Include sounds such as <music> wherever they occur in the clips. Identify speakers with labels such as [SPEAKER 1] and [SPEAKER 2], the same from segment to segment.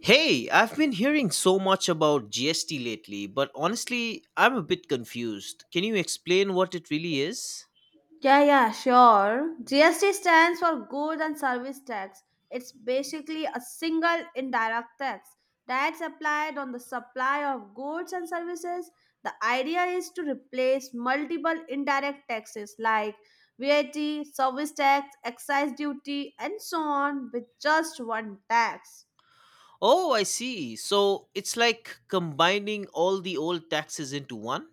[SPEAKER 1] Hey, I've been hearing so much about GST lately, but honestly, I'm a bit confused. Can you explain what it really is?
[SPEAKER 2] Yeah, yeah, sure. GST stands for Goods and Service Tax. It's basically a single indirect tax that's applied on the supply of goods and services. The idea is to replace multiple indirect taxes like VAT, service tax, excise duty, and so on with just one tax.
[SPEAKER 1] Oh, I see. So it's like combining all the old taxes into one?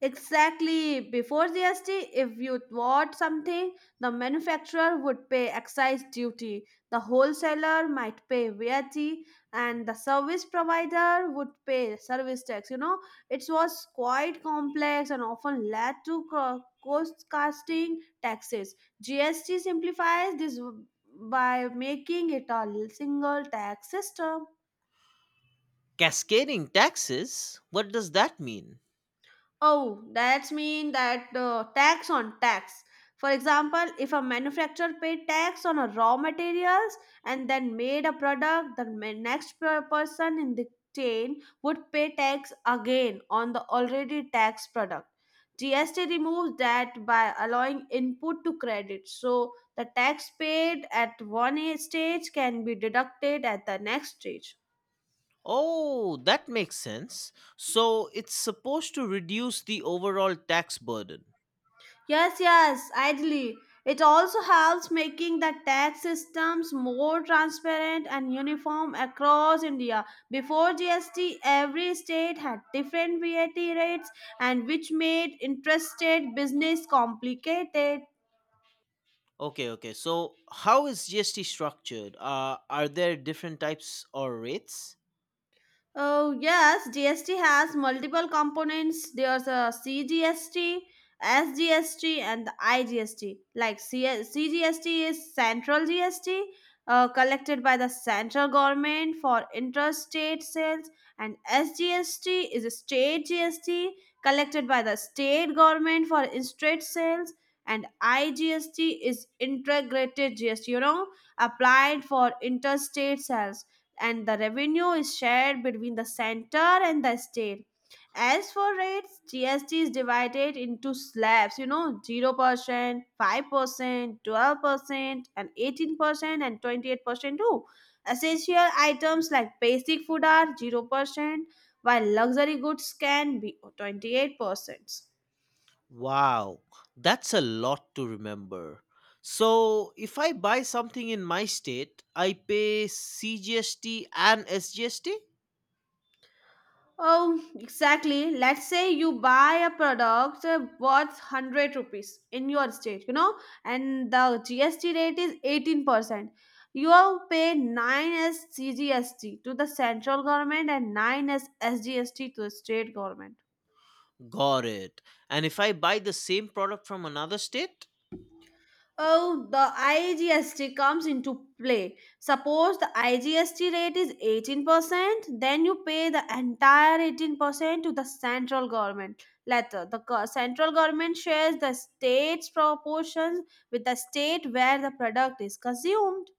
[SPEAKER 2] Exactly. Before GST, if you bought something, the manufacturer would pay excise duty, the wholesaler might pay VAT, and the service provider would pay service tax. It was quite complex and often led to cost cutting taxes. GST simplifies this by making it a single tax system.
[SPEAKER 1] Cascading taxes? What does that mean?
[SPEAKER 2] Oh, that's mean that tax on tax. For example, if a manufacturer paid tax on a raw materials and then made a product, the person in the chain would pay tax again on the already taxed product. GST removes that by allowing input to credit. So the tax paid at one stage can be deducted at the next stage.
[SPEAKER 1] Oh, that makes sense. So it's supposed to reduce the overall tax burden.
[SPEAKER 2] Yes, yes, ideally. It also helps making the tax systems more transparent and uniform across India. Before GST, every state had different VAT rates and which made interested business complicated.
[SPEAKER 1] Okay, okay. So how is GST structured? Are there different types or rates?
[SPEAKER 2] Oh, yes, GST has multiple components. There's a CGST, SGST, and the IGST. Like CGST is central GST collected by the central government for interstate sales, and SGST is a state GST collected by the state government for interstate sales. And IGST is integrated GST, applied for interstate sales and the revenue is shared between the center and the state. As for rates, GST is divided into slabs, 0%, 5%, 12%, and 18%, and 28% too. Essential items like basic food are 0%, while luxury goods can be 28%.
[SPEAKER 1] Wow, that's a lot to remember. So if I buy something in my state, I pay CGST and SGST?
[SPEAKER 2] Oh, exactly. Let's say you buy a product worth 100 rupees in your state, and the GST rate is 18%. You all pay 9 as CGST to the central government and 9 as SGST to the state government.
[SPEAKER 1] Got it. And if I buy the same product from another state?
[SPEAKER 2] Oh, the IGST comes into play. Suppose the IGST rate is 18%, then you pay the entire 18% to the central government. Later, the central government shares the state's proportions with the state where the product is consumed.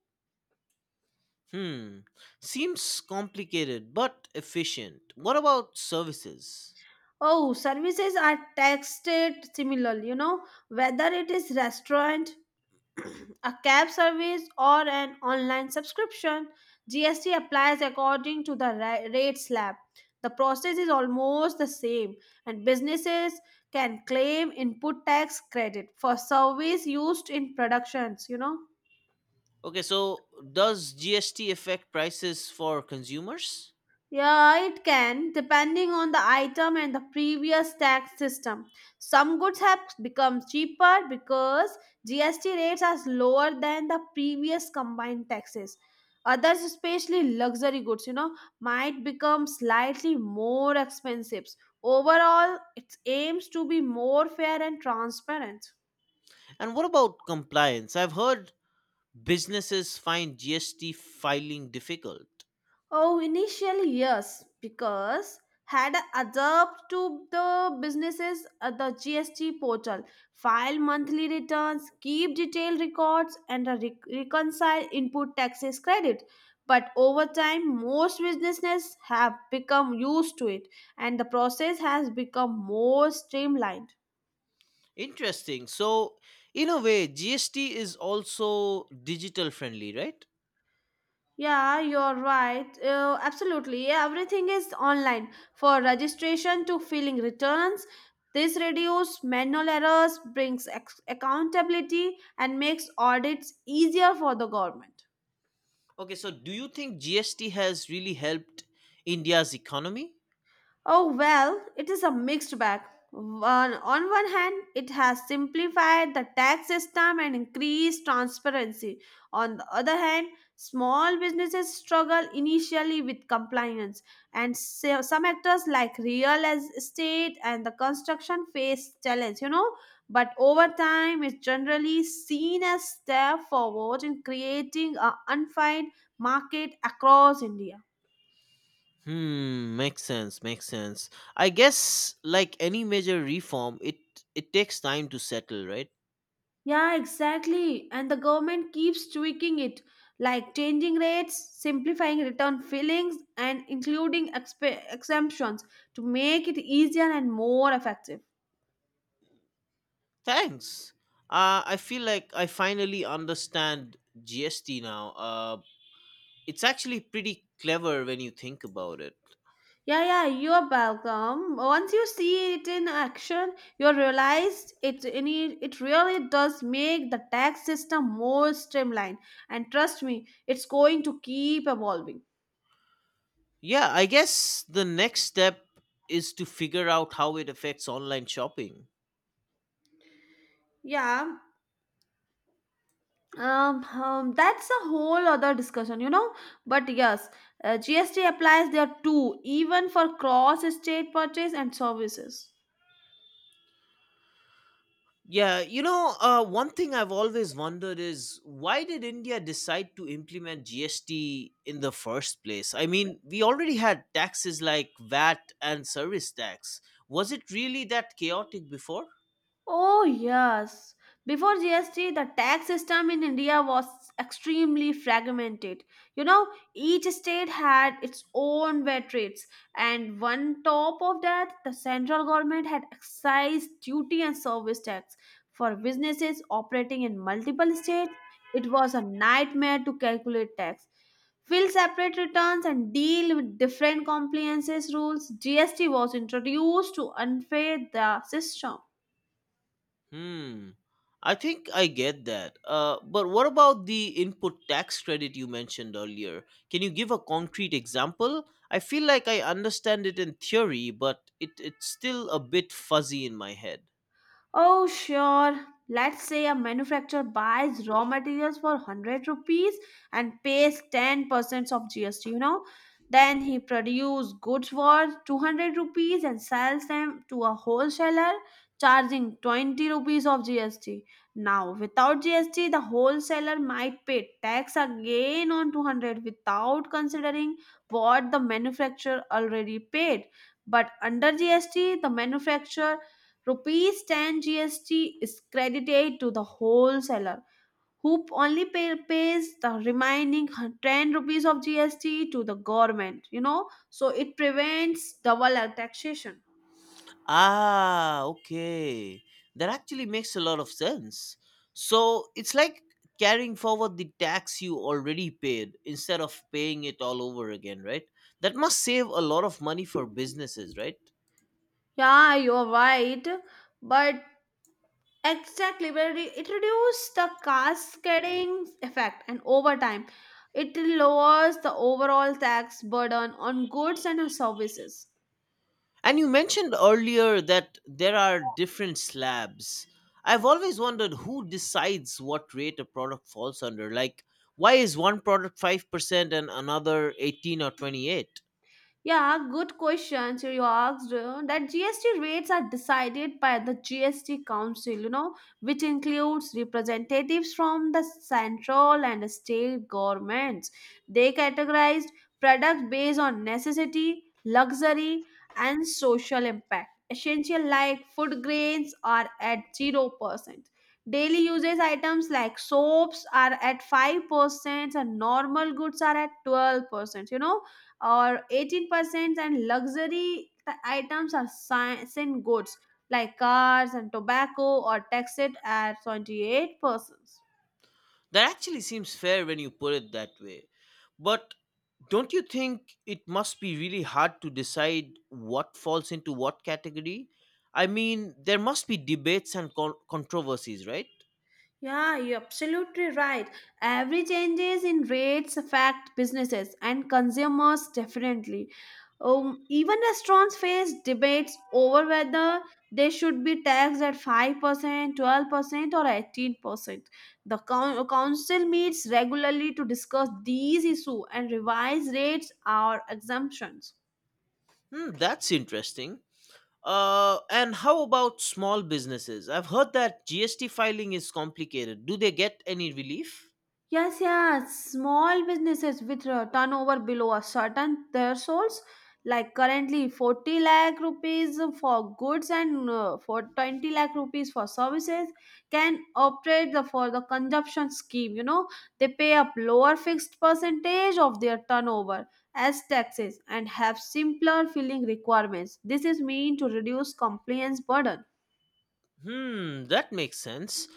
[SPEAKER 1] Hmm. Seems complicated but efficient. What about services?
[SPEAKER 2] Oh, services are taxed similarly, whether it is restaurant, <clears throat> a cab service or an online subscription, GST applies according to the rate slab. The process is almost the same, and businesses can claim input tax credit for service used in productions.
[SPEAKER 1] Okay, so does GST affect prices for consumers?
[SPEAKER 2] Yeah, it can, depending on the item and the previous tax system. Some goods have become cheaper because GST rates are lower than the previous combined taxes. Others, especially luxury goods, might become slightly more expensive. Overall, it aims to be more fair and transparent.
[SPEAKER 1] And what about compliance? I've heard businesses find GST filing difficult.
[SPEAKER 2] Oh, initially, yes, because had adapted to the businesses at the GST portal, file monthly returns, keep detailed records, and a reconcile input taxes credit. But over time, most businesses have become used to it, and the process has become more streamlined.
[SPEAKER 1] Interesting. So, in a way, GST is also digital friendly, right?
[SPEAKER 2] Yeah, you're right. Absolutely. Yeah, everything is online for registration to filling returns. This reduces manual errors, brings accountability, and makes audits easier for the government.
[SPEAKER 1] Okay, so do you think GST has really helped India's economy?
[SPEAKER 2] Oh, well, it is a mixed bag. One, on one hand, it has simplified the tax system and increased transparency. On the other hand, small businesses struggle initially with compliance, and so some actors like real estate and the construction face challenge. But over time, it's generally seen as step forward in creating a unified market across India.
[SPEAKER 1] Hmm, makes sense, makes sense. I guess like any major reform, it takes time to settle, right?
[SPEAKER 2] Yeah, exactly. And the government keeps tweaking it, like changing rates, simplifying return fillings, and including exemptions to make it easier and more effective.
[SPEAKER 1] Thanks. I feel like I finally understand GST now. It's actually pretty clever when you think about it.
[SPEAKER 2] Yeah, yeah, you're welcome. Once you see it in action, you realize it really does make the tax system more streamlined. And trust me, it's going to keep evolving.
[SPEAKER 1] Yeah, I guess the next step is to figure out how it affects online shopping.
[SPEAKER 2] Yeah, that's a whole other discussion. But yes, GST applies there too, even for cross-state purchase and services.
[SPEAKER 1] Yeah, you know, one thing I've always wondered is why did India decide to implement GST in the first place? I mean, we already had taxes like VAT and service tax. Was it really that chaotic before?
[SPEAKER 2] Oh, yes. Before GST, the tax system in India was extremely fragmented. You know, each state had its own VAT rates, and on top of that, the central government had excise duty and service tax. For businesses operating in multiple states, it was a nightmare to calculate tax. Fill separate returns and deal with different compliances rules. GST was introduced to unfair the system.
[SPEAKER 1] Hmm. I think I get that. But what about the input tax credit you mentioned earlier? Can you give a concrete example? I feel like I understand it in theory, but it's still a bit fuzzy in my head.
[SPEAKER 2] Oh, sure. Let's say a manufacturer buys raw materials for 100 rupees and pays 10% of GST. Then he produces goods for 200 rupees and sells them to a wholesaler charging 20 rupees of GST. Now, without GST, the wholesaler might pay tax again on 200 without considering what the manufacturer already paid. But under GST, the manufacturer Rupees 10 GST is credited to the wholesaler, who only pays the remaining 10 rupees of GST to the government, so it prevents double taxation.
[SPEAKER 1] Ah, okay. That actually makes a lot of sense. So it's like carrying forward the tax you already paid instead of paying it all over again, right? That must save a lot of money for businesses, right?
[SPEAKER 2] Yeah, you're right, but exactly where it reduces the cascading effect, and over time, it lowers the overall tax burden on goods and services.
[SPEAKER 1] And you mentioned earlier that there are different slabs. I've always wondered who decides what rate a product falls under. Like, why is one product 5% and another 18 or 28?
[SPEAKER 2] Yeah, good question. So you asked that GST rates are decided by the GST Council, which includes representatives from the central and state governments. They categorized products based on necessity, luxury, and social impact. Essential like food grains are at 0%. Daily usage items like soaps are at 5% and normal goods are at 12%. Or 18% and luxury items are sent goods like cars and tobacco or taxed at 28%.
[SPEAKER 1] That actually seems fair when you put it that way. But don't you think it must be really hard to decide what falls into what category? I mean, there must be debates and controversies, right?
[SPEAKER 2] Yeah, you're absolutely right. Every changes in rates affect businesses and consumers definitely. Even restaurants face debates over whether they should be taxed at 5%, 12%, or 18%. The council meets regularly to discuss these issues and revise rates or exemptions.
[SPEAKER 1] Hmm, that's interesting. And how about small businesses? I've heard that GST filing is complicated. Do they get any relief?
[SPEAKER 2] Yes, yes. Small businesses with turnover below a certain thresholds, like currently 40 lakh rupees for goods and for 20 lakh rupees for services, can operate the, for the consumption scheme. They pay a lower fixed percentage of their turnover as taxes and have simpler filling requirements. This is meant to reduce compliance burden.
[SPEAKER 1] Hmm, that makes sense.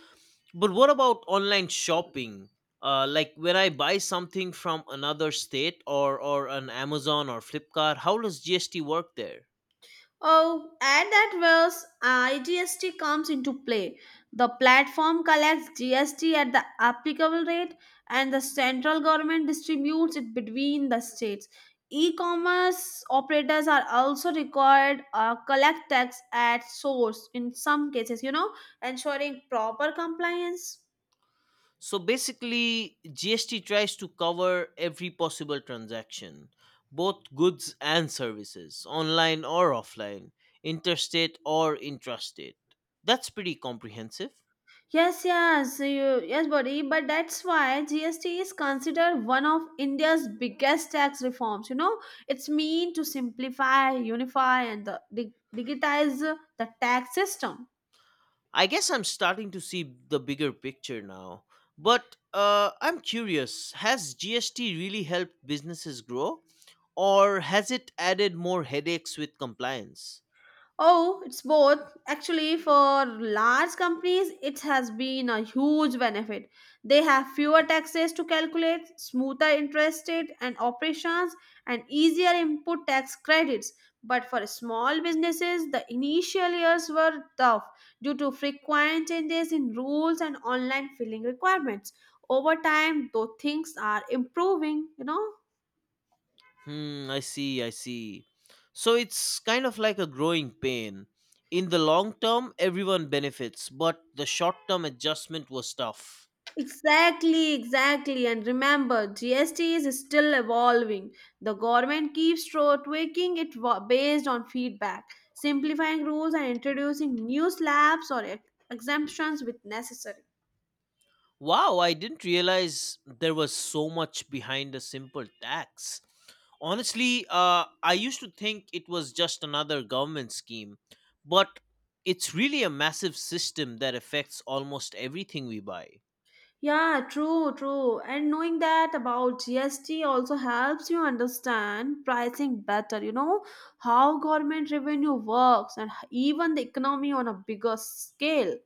[SPEAKER 1] But what about online shopping? Like when I buy something from another state or an Amazon or Flipkart, how does GST work there?
[SPEAKER 2] Oh, and that was IGST comes into play. The platform collects GST at the applicable rate, and the central government distributes it between the states. E-commerce operators are also required collect tax at source in some cases, ensuring proper compliance.
[SPEAKER 1] So basically, GST tries to cover every possible transaction, both goods and services, online or offline, interstate or intrastate. That's pretty comprehensive.
[SPEAKER 2] Yes, yes, yes, buddy. But that's why GST is considered one of India's biggest tax reforms. It's mean to simplify, unify, and the, digitize the tax system.
[SPEAKER 1] I guess I'm starting to see the bigger picture now. But I'm curious, has GST really helped businesses grow, or has it added more headaches with compliance?
[SPEAKER 2] Oh, it's both. Actually, for large companies, it has been a huge benefit. They have fewer taxes to calculate, smoother interest rate and operations, and easier input tax credits. But for small businesses, the initial years were tough due to frequent changes in rules and online filing requirements. Over time, though things are improving.
[SPEAKER 1] Hmm, I see, I see. So it's kind of like a growing pain. In the long term, everyone benefits, but the short term adjustment was tough.
[SPEAKER 2] Exactly, exactly. And remember, GST is still evolving. The government keeps tweaking it based on feedback, simplifying rules and introducing new slabs or exemptions with necessary.
[SPEAKER 1] Wow, I didn't realize there was so much behind a simple tax. Honestly, I used to think it was just another government scheme, but it's really a massive system that affects almost everything we buy.
[SPEAKER 2] Yeah, true, true. And knowing that about GST also helps you understand pricing better, how government revenue works and even the economy on a bigger scale.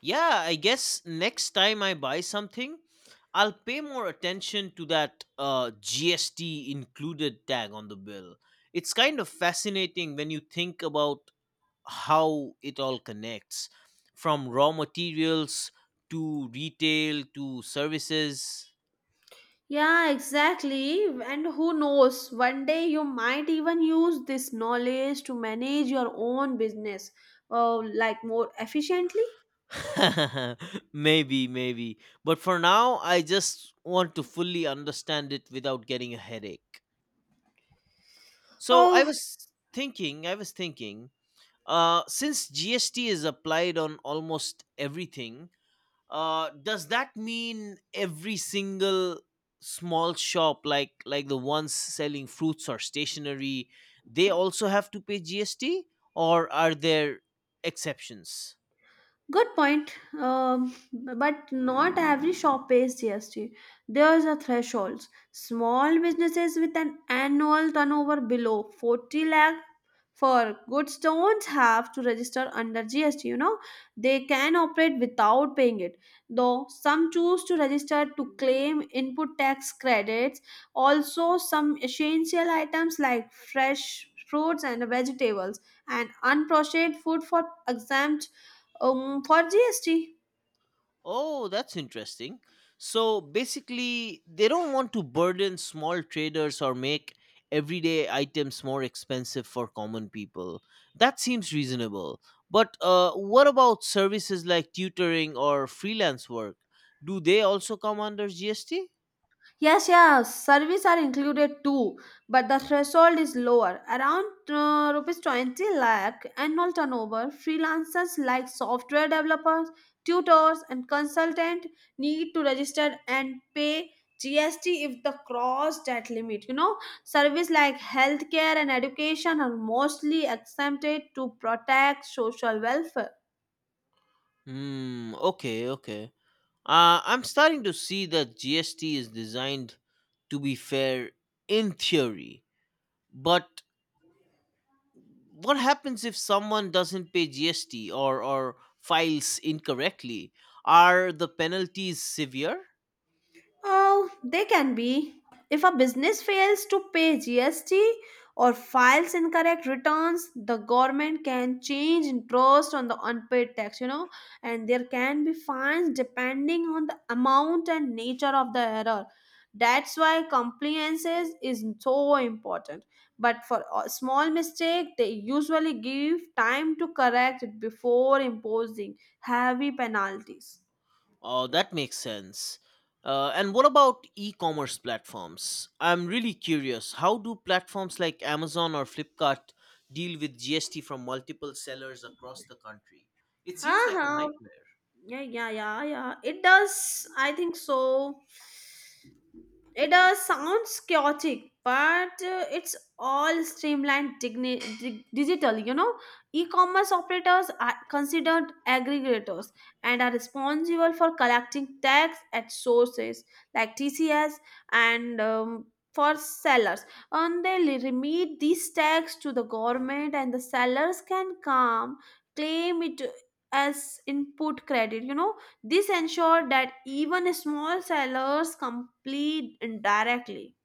[SPEAKER 1] Yeah, I guess next time I buy something, I'll pay more attention to that GST included tag on the bill. It's kind of fascinating when you think about how it all connects from raw materials to retail to services.
[SPEAKER 2] Yeah, exactly. And who knows, one day you might even use this knowledge to manage your own business like more efficiently.
[SPEAKER 1] <laughs> Maybe, maybe. But for now, I just want to fully understand it without getting a headache. So I
[SPEAKER 2] Oh,
[SPEAKER 1] was thinking, I was thinking since GST is applied on almost everything, does that mean every single small shop, like the ones selling fruits or stationery, they also have to pay GST, or are there exceptions?
[SPEAKER 2] good point. But not every shop pays GST. There's a threshold. Small businesses with an annual turnover below 40 lakh for goods don't have to register under GST. They can operate without paying it. Though some choose to register to claim input tax credits. Also, some essential items like fresh fruits and vegetables and unprocessed food for exempt for GST?
[SPEAKER 1] Oh, that's interesting. So basically, they don't want to burden small traders or make everyday items more expensive for common people. That seems reasonable. But what about services like tutoring or freelance work? Do they also come under GST?
[SPEAKER 2] Yes, yes, yeah, service are included too, but the threshold is lower, around rupees 20 lakh annual turnover. Freelancers like software developers, tutors, and consultant need to register and pay GST if they cross that limit. Service like healthcare and education are mostly exempted to protect social welfare.
[SPEAKER 1] Hmm, okay, okay. I'm starting to see that GST is designed to be fair in theory, but what happens if someone doesn't pay GST or files incorrectly? Are the penalties severe?
[SPEAKER 2] Oh, they can be. If a business fails to pay GST or files incorrect returns, the government can change interest on the unpaid tax, and there can be fines depending on the amount and nature of the error. That's why compliance is so important. But for a small mistake, they usually give time to correct it before imposing heavy penalties.
[SPEAKER 1] Oh, that makes sense. And what about e commerce platforms? I'm really curious. How do platforms like Amazon or Flipkart deal with GST from multiple sellers across the country? It seems
[SPEAKER 2] हाँ
[SPEAKER 1] like a
[SPEAKER 2] हाँ
[SPEAKER 1] nightmare.
[SPEAKER 2] Yeah, yeah, yeah, yeah. It does. I think so. It does sounds chaotic, but it's all streamlined digital. E-commerce operators are considered aggregators and are responsible for collecting tax at sources like TCS and for sellers. And they remit these tax to the government, and the sellers can come claim it as input credit. This ensured that even small sellers complete indirectly.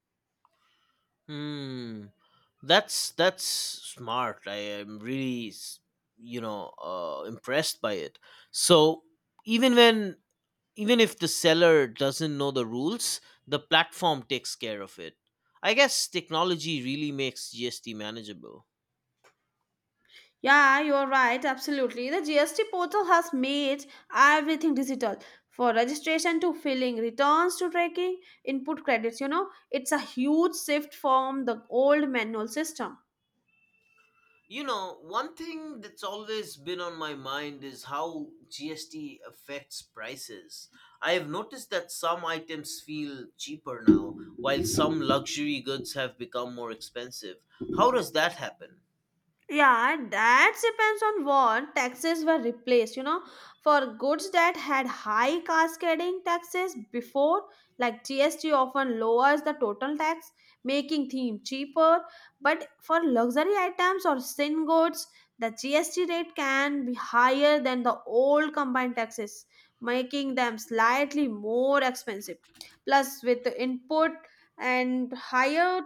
[SPEAKER 1] Hmm. That's smart. I am really, you know, impressed by it. So even when even if the seller doesn't know the rules, the platform takes care of it. I guess technology really makes GST manageable.
[SPEAKER 2] Yeah, you're right, absolutely. The GST portal has made everything digital for registration to filling, returns to tracking, input credits. You know, it's a huge shift from the old manual system.
[SPEAKER 1] You know, one thing that's always been on my mind is how GST affects prices. I have noticed that some items feel cheaper now, while some luxury goods have become more expensive. How does that happen?
[SPEAKER 2] Yeah, that depends on what taxes were replaced. You know, for goods that had high cascading taxes before, like GST often lowers the total tax, making things cheaper. But for luxury items or sin goods, the GST rate can be higher than the old combined taxes, making them slightly more expensive. Plus, with the input and higher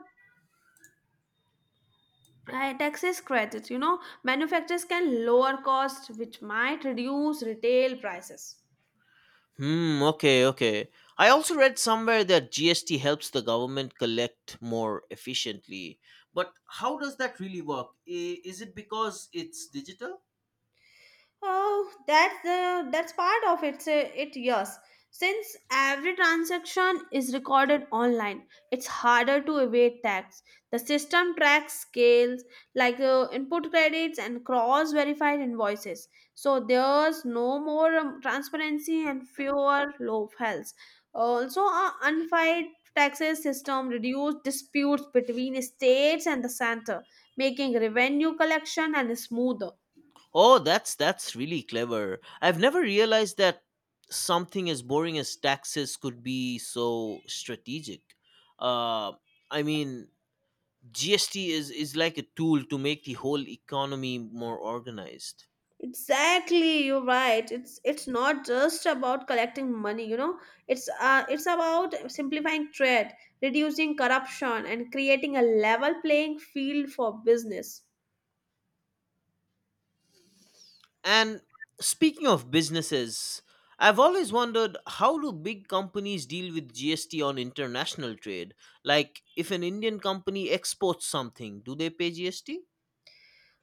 [SPEAKER 2] taxes credits, you know, manufacturers can lower costs which might reduce retail prices.
[SPEAKER 1] Hmm, okay, okay. I also read somewhere that GST helps the government collect more efficiently. But how does that really work? Is it because it's digital?
[SPEAKER 2] That's part of it. Say it, yes, since every transaction is recorded online, it's harder to evade tax. The system tracks scales like input credits and cross-verified invoices, so there's no more transparency and fewer loopholes. Also, a unified taxes system reduces disputes between states and the center, making revenue collection and smoother.
[SPEAKER 1] Oh, that's really clever. I've never realized that something as boring as taxes could be so strategic. Uh, I mean, GST is like a tool to make the whole economy more organized.
[SPEAKER 2] Exactly, you're right. It's not just about collecting money, you know. It's about simplifying trade, reducing corruption, and creating a level playing field for business.
[SPEAKER 1] And speaking of businesses, I've always wondered, how do big companies deal with GST on international trade? Like, if an Indian company exports something, do they pay GST?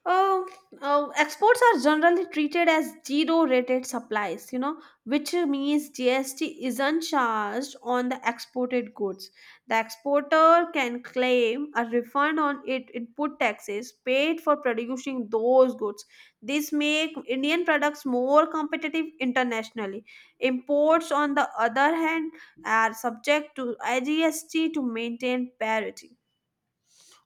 [SPEAKER 2] Oh, oh, exports are generally treated as zero-rated supplies, you know, which means GST isn't charged on the exported goods. The exporter can claim a refund on it input taxes paid for producing those goods. This make Indian products more competitive internationally. Imports, on the other hand, are subject to IGST to maintain parity.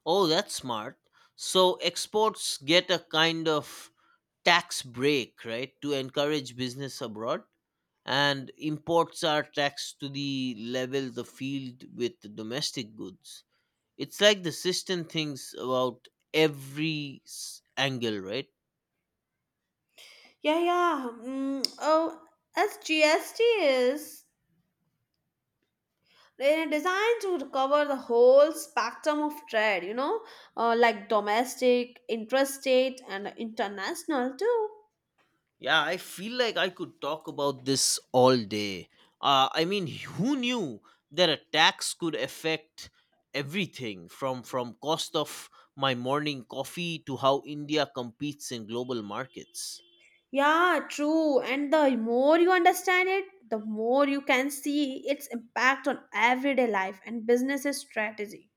[SPEAKER 1] Oh, that's smart. So exports get a kind of tax break, right, to encourage business abroad, and imports are taxed to the level the field with the domestic goods. It's like the system thinks about every angle, right?
[SPEAKER 2] Yeah, yeah. Mm, oh, as GST is designed to cover the whole spectrum of trade, you know, like domestic, interstate, and international too.
[SPEAKER 1] Yeah, I feel like I could talk about this all day. I mean, who knew that attacks could affect everything from cost of my morning coffee to how India competes in global markets.
[SPEAKER 2] Yeah, true. And the more you understand it, the more you can see its impact on everyday life and businesses strategy.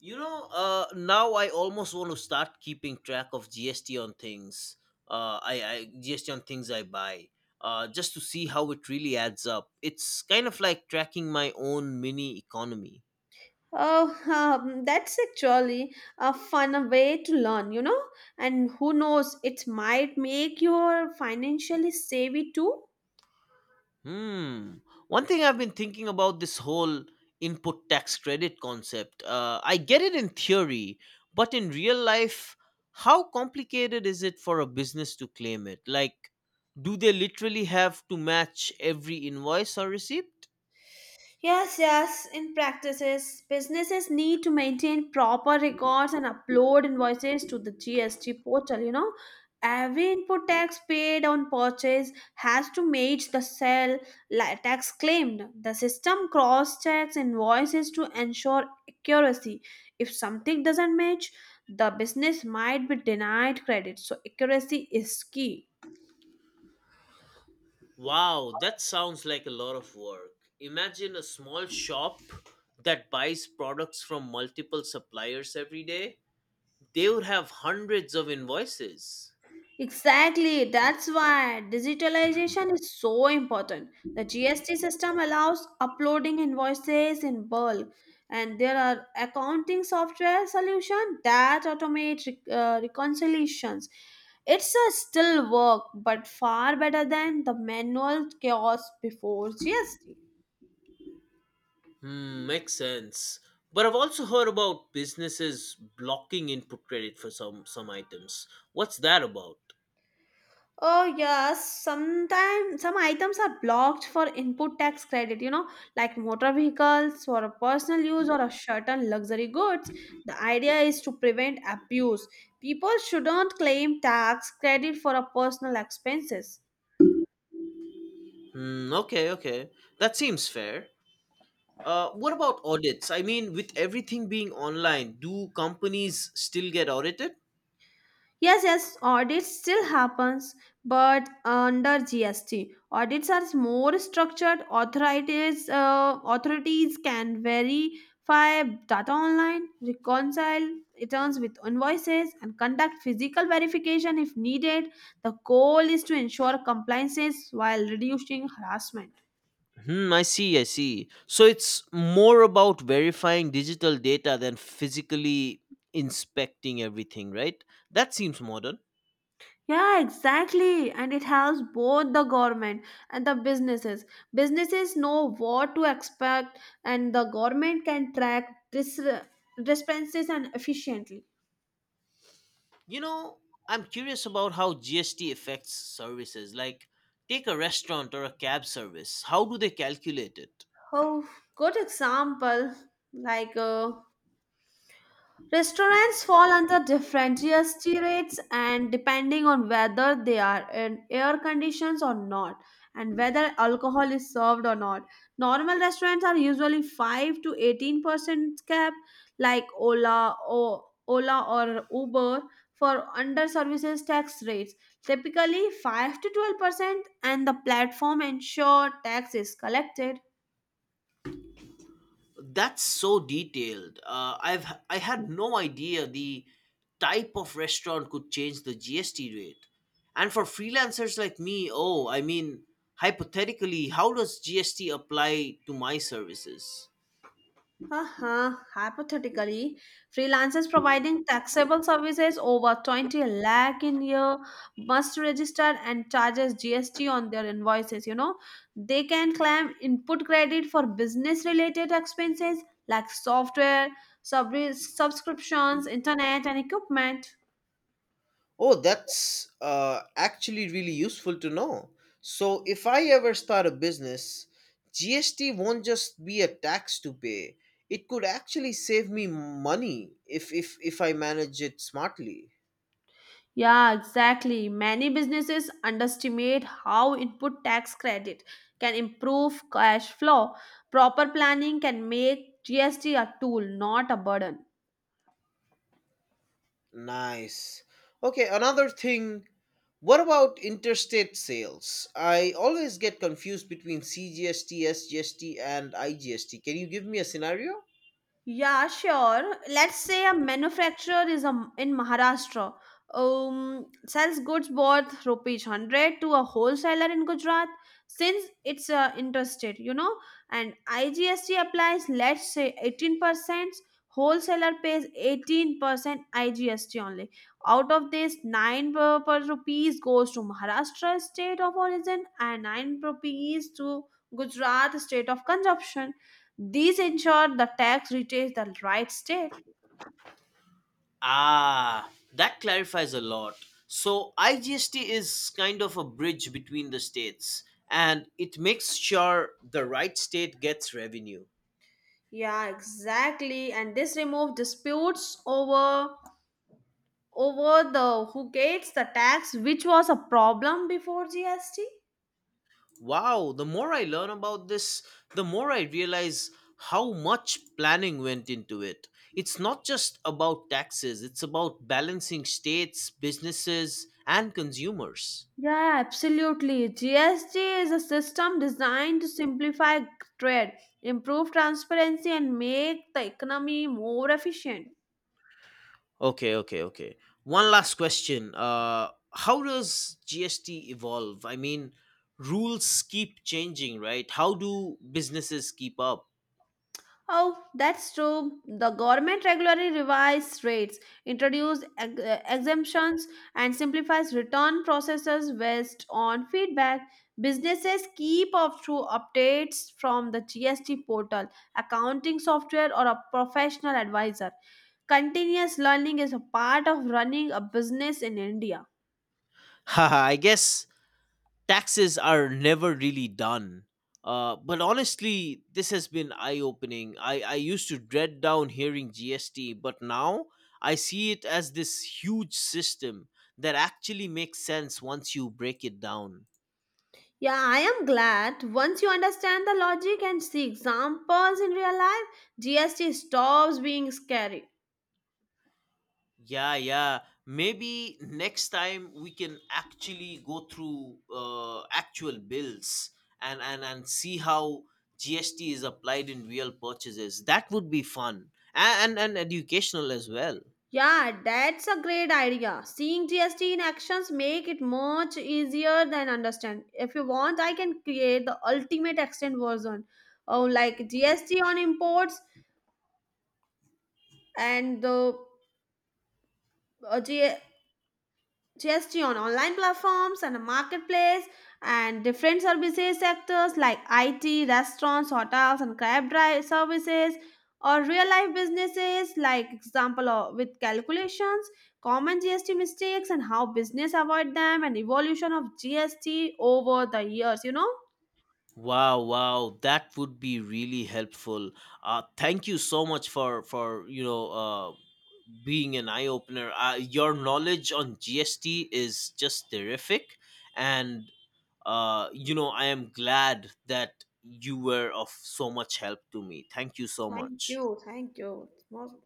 [SPEAKER 1] You know, now I almost want to start keeping track of GST on things. I GST on things I buy, just to see how it really adds up. It's kind of like tracking my own mini economy.
[SPEAKER 2] Oh, that's actually a fun way to learn, you know? And who knows, it might make you financially savvy too.
[SPEAKER 1] Hmm. One thing I've been thinking about, this whole input tax credit concept. I get it in theory, but in real life, how complicated is it for a business to claim it? Like, do they literally have to match every invoice or receipt?
[SPEAKER 2] Yes, yes. In practices, businesses need to maintain proper records and upload invoices to the GST portal. You know, every input tax paid on purchase has to match the sale tax claimed. The system cross checks invoices to ensure accuracy. If something doesn't match, the business might be denied credit. So, accuracy is key.
[SPEAKER 1] Wow, that sounds like a lot of work. Imagine a small shop that buys products from multiple suppliers every day. They would have hundreds of invoices.
[SPEAKER 2] Exactly. That's why digitalization is so important. The GST system allows uploading invoices in bulk, and there are accounting software solution that automate reconciliations. It's a still work, but far better than the manual chaos before GST.
[SPEAKER 1] Hmm, makes sense. But I've also heard about businesses blocking input credit for some items. What's that about?
[SPEAKER 2] Oh yes, sometimes some items are blocked for input tax credit, you know, like motor vehicles for a personal use or a certain luxury goods. The idea is to prevent abuse. People shouldn't claim tax credit for a personal expenses.
[SPEAKER 1] Hmm, okay, okay. That seems fair. What about audits? I mean, with everything being online, do companies still get audited?
[SPEAKER 2] Yes, yes, audits still happens, but under GST. Audits are more structured. Authorities can verify data online, reconcile returns with invoices, and conduct physical verification if needed. The goal is to ensure compliances while reducing harassment.
[SPEAKER 1] Hmm, I see, I see. So it's more about verifying digital data than physically inspecting everything, right? That seems modern.
[SPEAKER 2] Yeah, exactly. And it helps both the government and the businesses. Businesses know what to expect, and the government can track this dispenses and efficiently.
[SPEAKER 1] You know, I'm curious about how GST affects services. Like, take a restaurant or a cab service. How do they calculate it?
[SPEAKER 2] Oh, good example. Like restaurants fall under different GST rates and depending on whether they are in air conditions or not and whether alcohol is served or not. Normal restaurants are usually 5 to 18% cap like Ola or Uber for under services tax rates typically 5 to 12% and the platform ensure tax is collected.
[SPEAKER 1] That's so detailed. I had no idea the type of restaurant could change the GST rate. And for freelancers like me, oh, I mean, hypothetically, how does GST apply to my services?
[SPEAKER 2] Uh huh. Hypothetically, freelancers providing taxable services over 20 lakh in year must register and charges GST on their invoices. You know, they can claim input credit for business related expenses like software, subscriptions, internet, and equipment.
[SPEAKER 1] Oh, that's actually really useful to know. So, if I ever start a business, GST won't just be a tax to pay. It could actually save me money if if I manage it smartly.
[SPEAKER 2] Yeah, exactly. Many businesses underestimate how input tax credit can improve cash flow. Proper planning can make GST a tool, not a burden.
[SPEAKER 1] Nice. Okay, another thing. What about interstate sales? I always get confused between CGST, SGST, and IGST. Can you give me a scenario?
[SPEAKER 2] Yeah, sure. Let's say a manufacturer is in Maharashtra sells goods worth rupees 100 to a wholesaler in Gujarat. Since it's interstate, you know, and IGST applies, let's say 18%, wholesaler pays 18% IGST only. Out of this, 9 per rupees goes to Maharashtra state of origin and 9 rupees to Gujarat state of consumption. These ensure the tax reaches the right state.
[SPEAKER 1] Ah, that clarifies a lot. So IGST is kind of a bridge between the states and it makes sure the right state gets revenue.
[SPEAKER 2] Yeah, exactly. And this removed disputes over the who gets the tax, which was a problem before GST.
[SPEAKER 1] Wow, the more I learn about this, the more I realize how much planning went into it. It's not just about taxes, it's about balancing states, businesses, and consumers.
[SPEAKER 2] Yeah, absolutely. GST is a system designed to simplify trade, improve transparency, and make the economy more efficient.
[SPEAKER 1] Okay, okay, okay. One last question. How does GST evolve? I mean, rules keep changing, right? How do businesses keep up?
[SPEAKER 2] Oh, that's true. The government regularly revises rates, introduces exemptions, and simplifies return processes based on feedback. Businesses keep up through updates from the GST portal, accounting software, or a professional advisor. Continuous learning is a part of running a business in India.
[SPEAKER 1] <laughs> Haha, I guess taxes are never really done. But honestly, this has been eye opening. I used to dread down hearing GST, but now I see it as this huge system that actually makes sense once you break it down.
[SPEAKER 2] Yeah, I am glad. Once you understand the logic and see examples in real life, GST stops being scary.
[SPEAKER 1] Yeah, yeah. Maybe next time we can actually go through actual bills and see how GST is applied in real purchases. That would be fun and educational as well.
[SPEAKER 2] Yeah, that's a great idea. Seeing GST in actions make it much easier than understand. If you want, I can create the ultimate extend version. Oh, like GST on imports and the uh, G- GST on online platforms and a marketplace and different services sectors like IT, restaurants, hotels and cab drive services or real life businesses like example of, with calculations, common GST mistakes and how business avoid them and evolution of GST over the years, you know?
[SPEAKER 1] Wow, wow, that would be really helpful. Thank you so much for you know being an eye opener. Your knowledge on GST is just terrific, and you know, I am glad that you were of so much help to me. Thank you so
[SPEAKER 2] Thank
[SPEAKER 1] much.
[SPEAKER 2] you. Thank you. It's most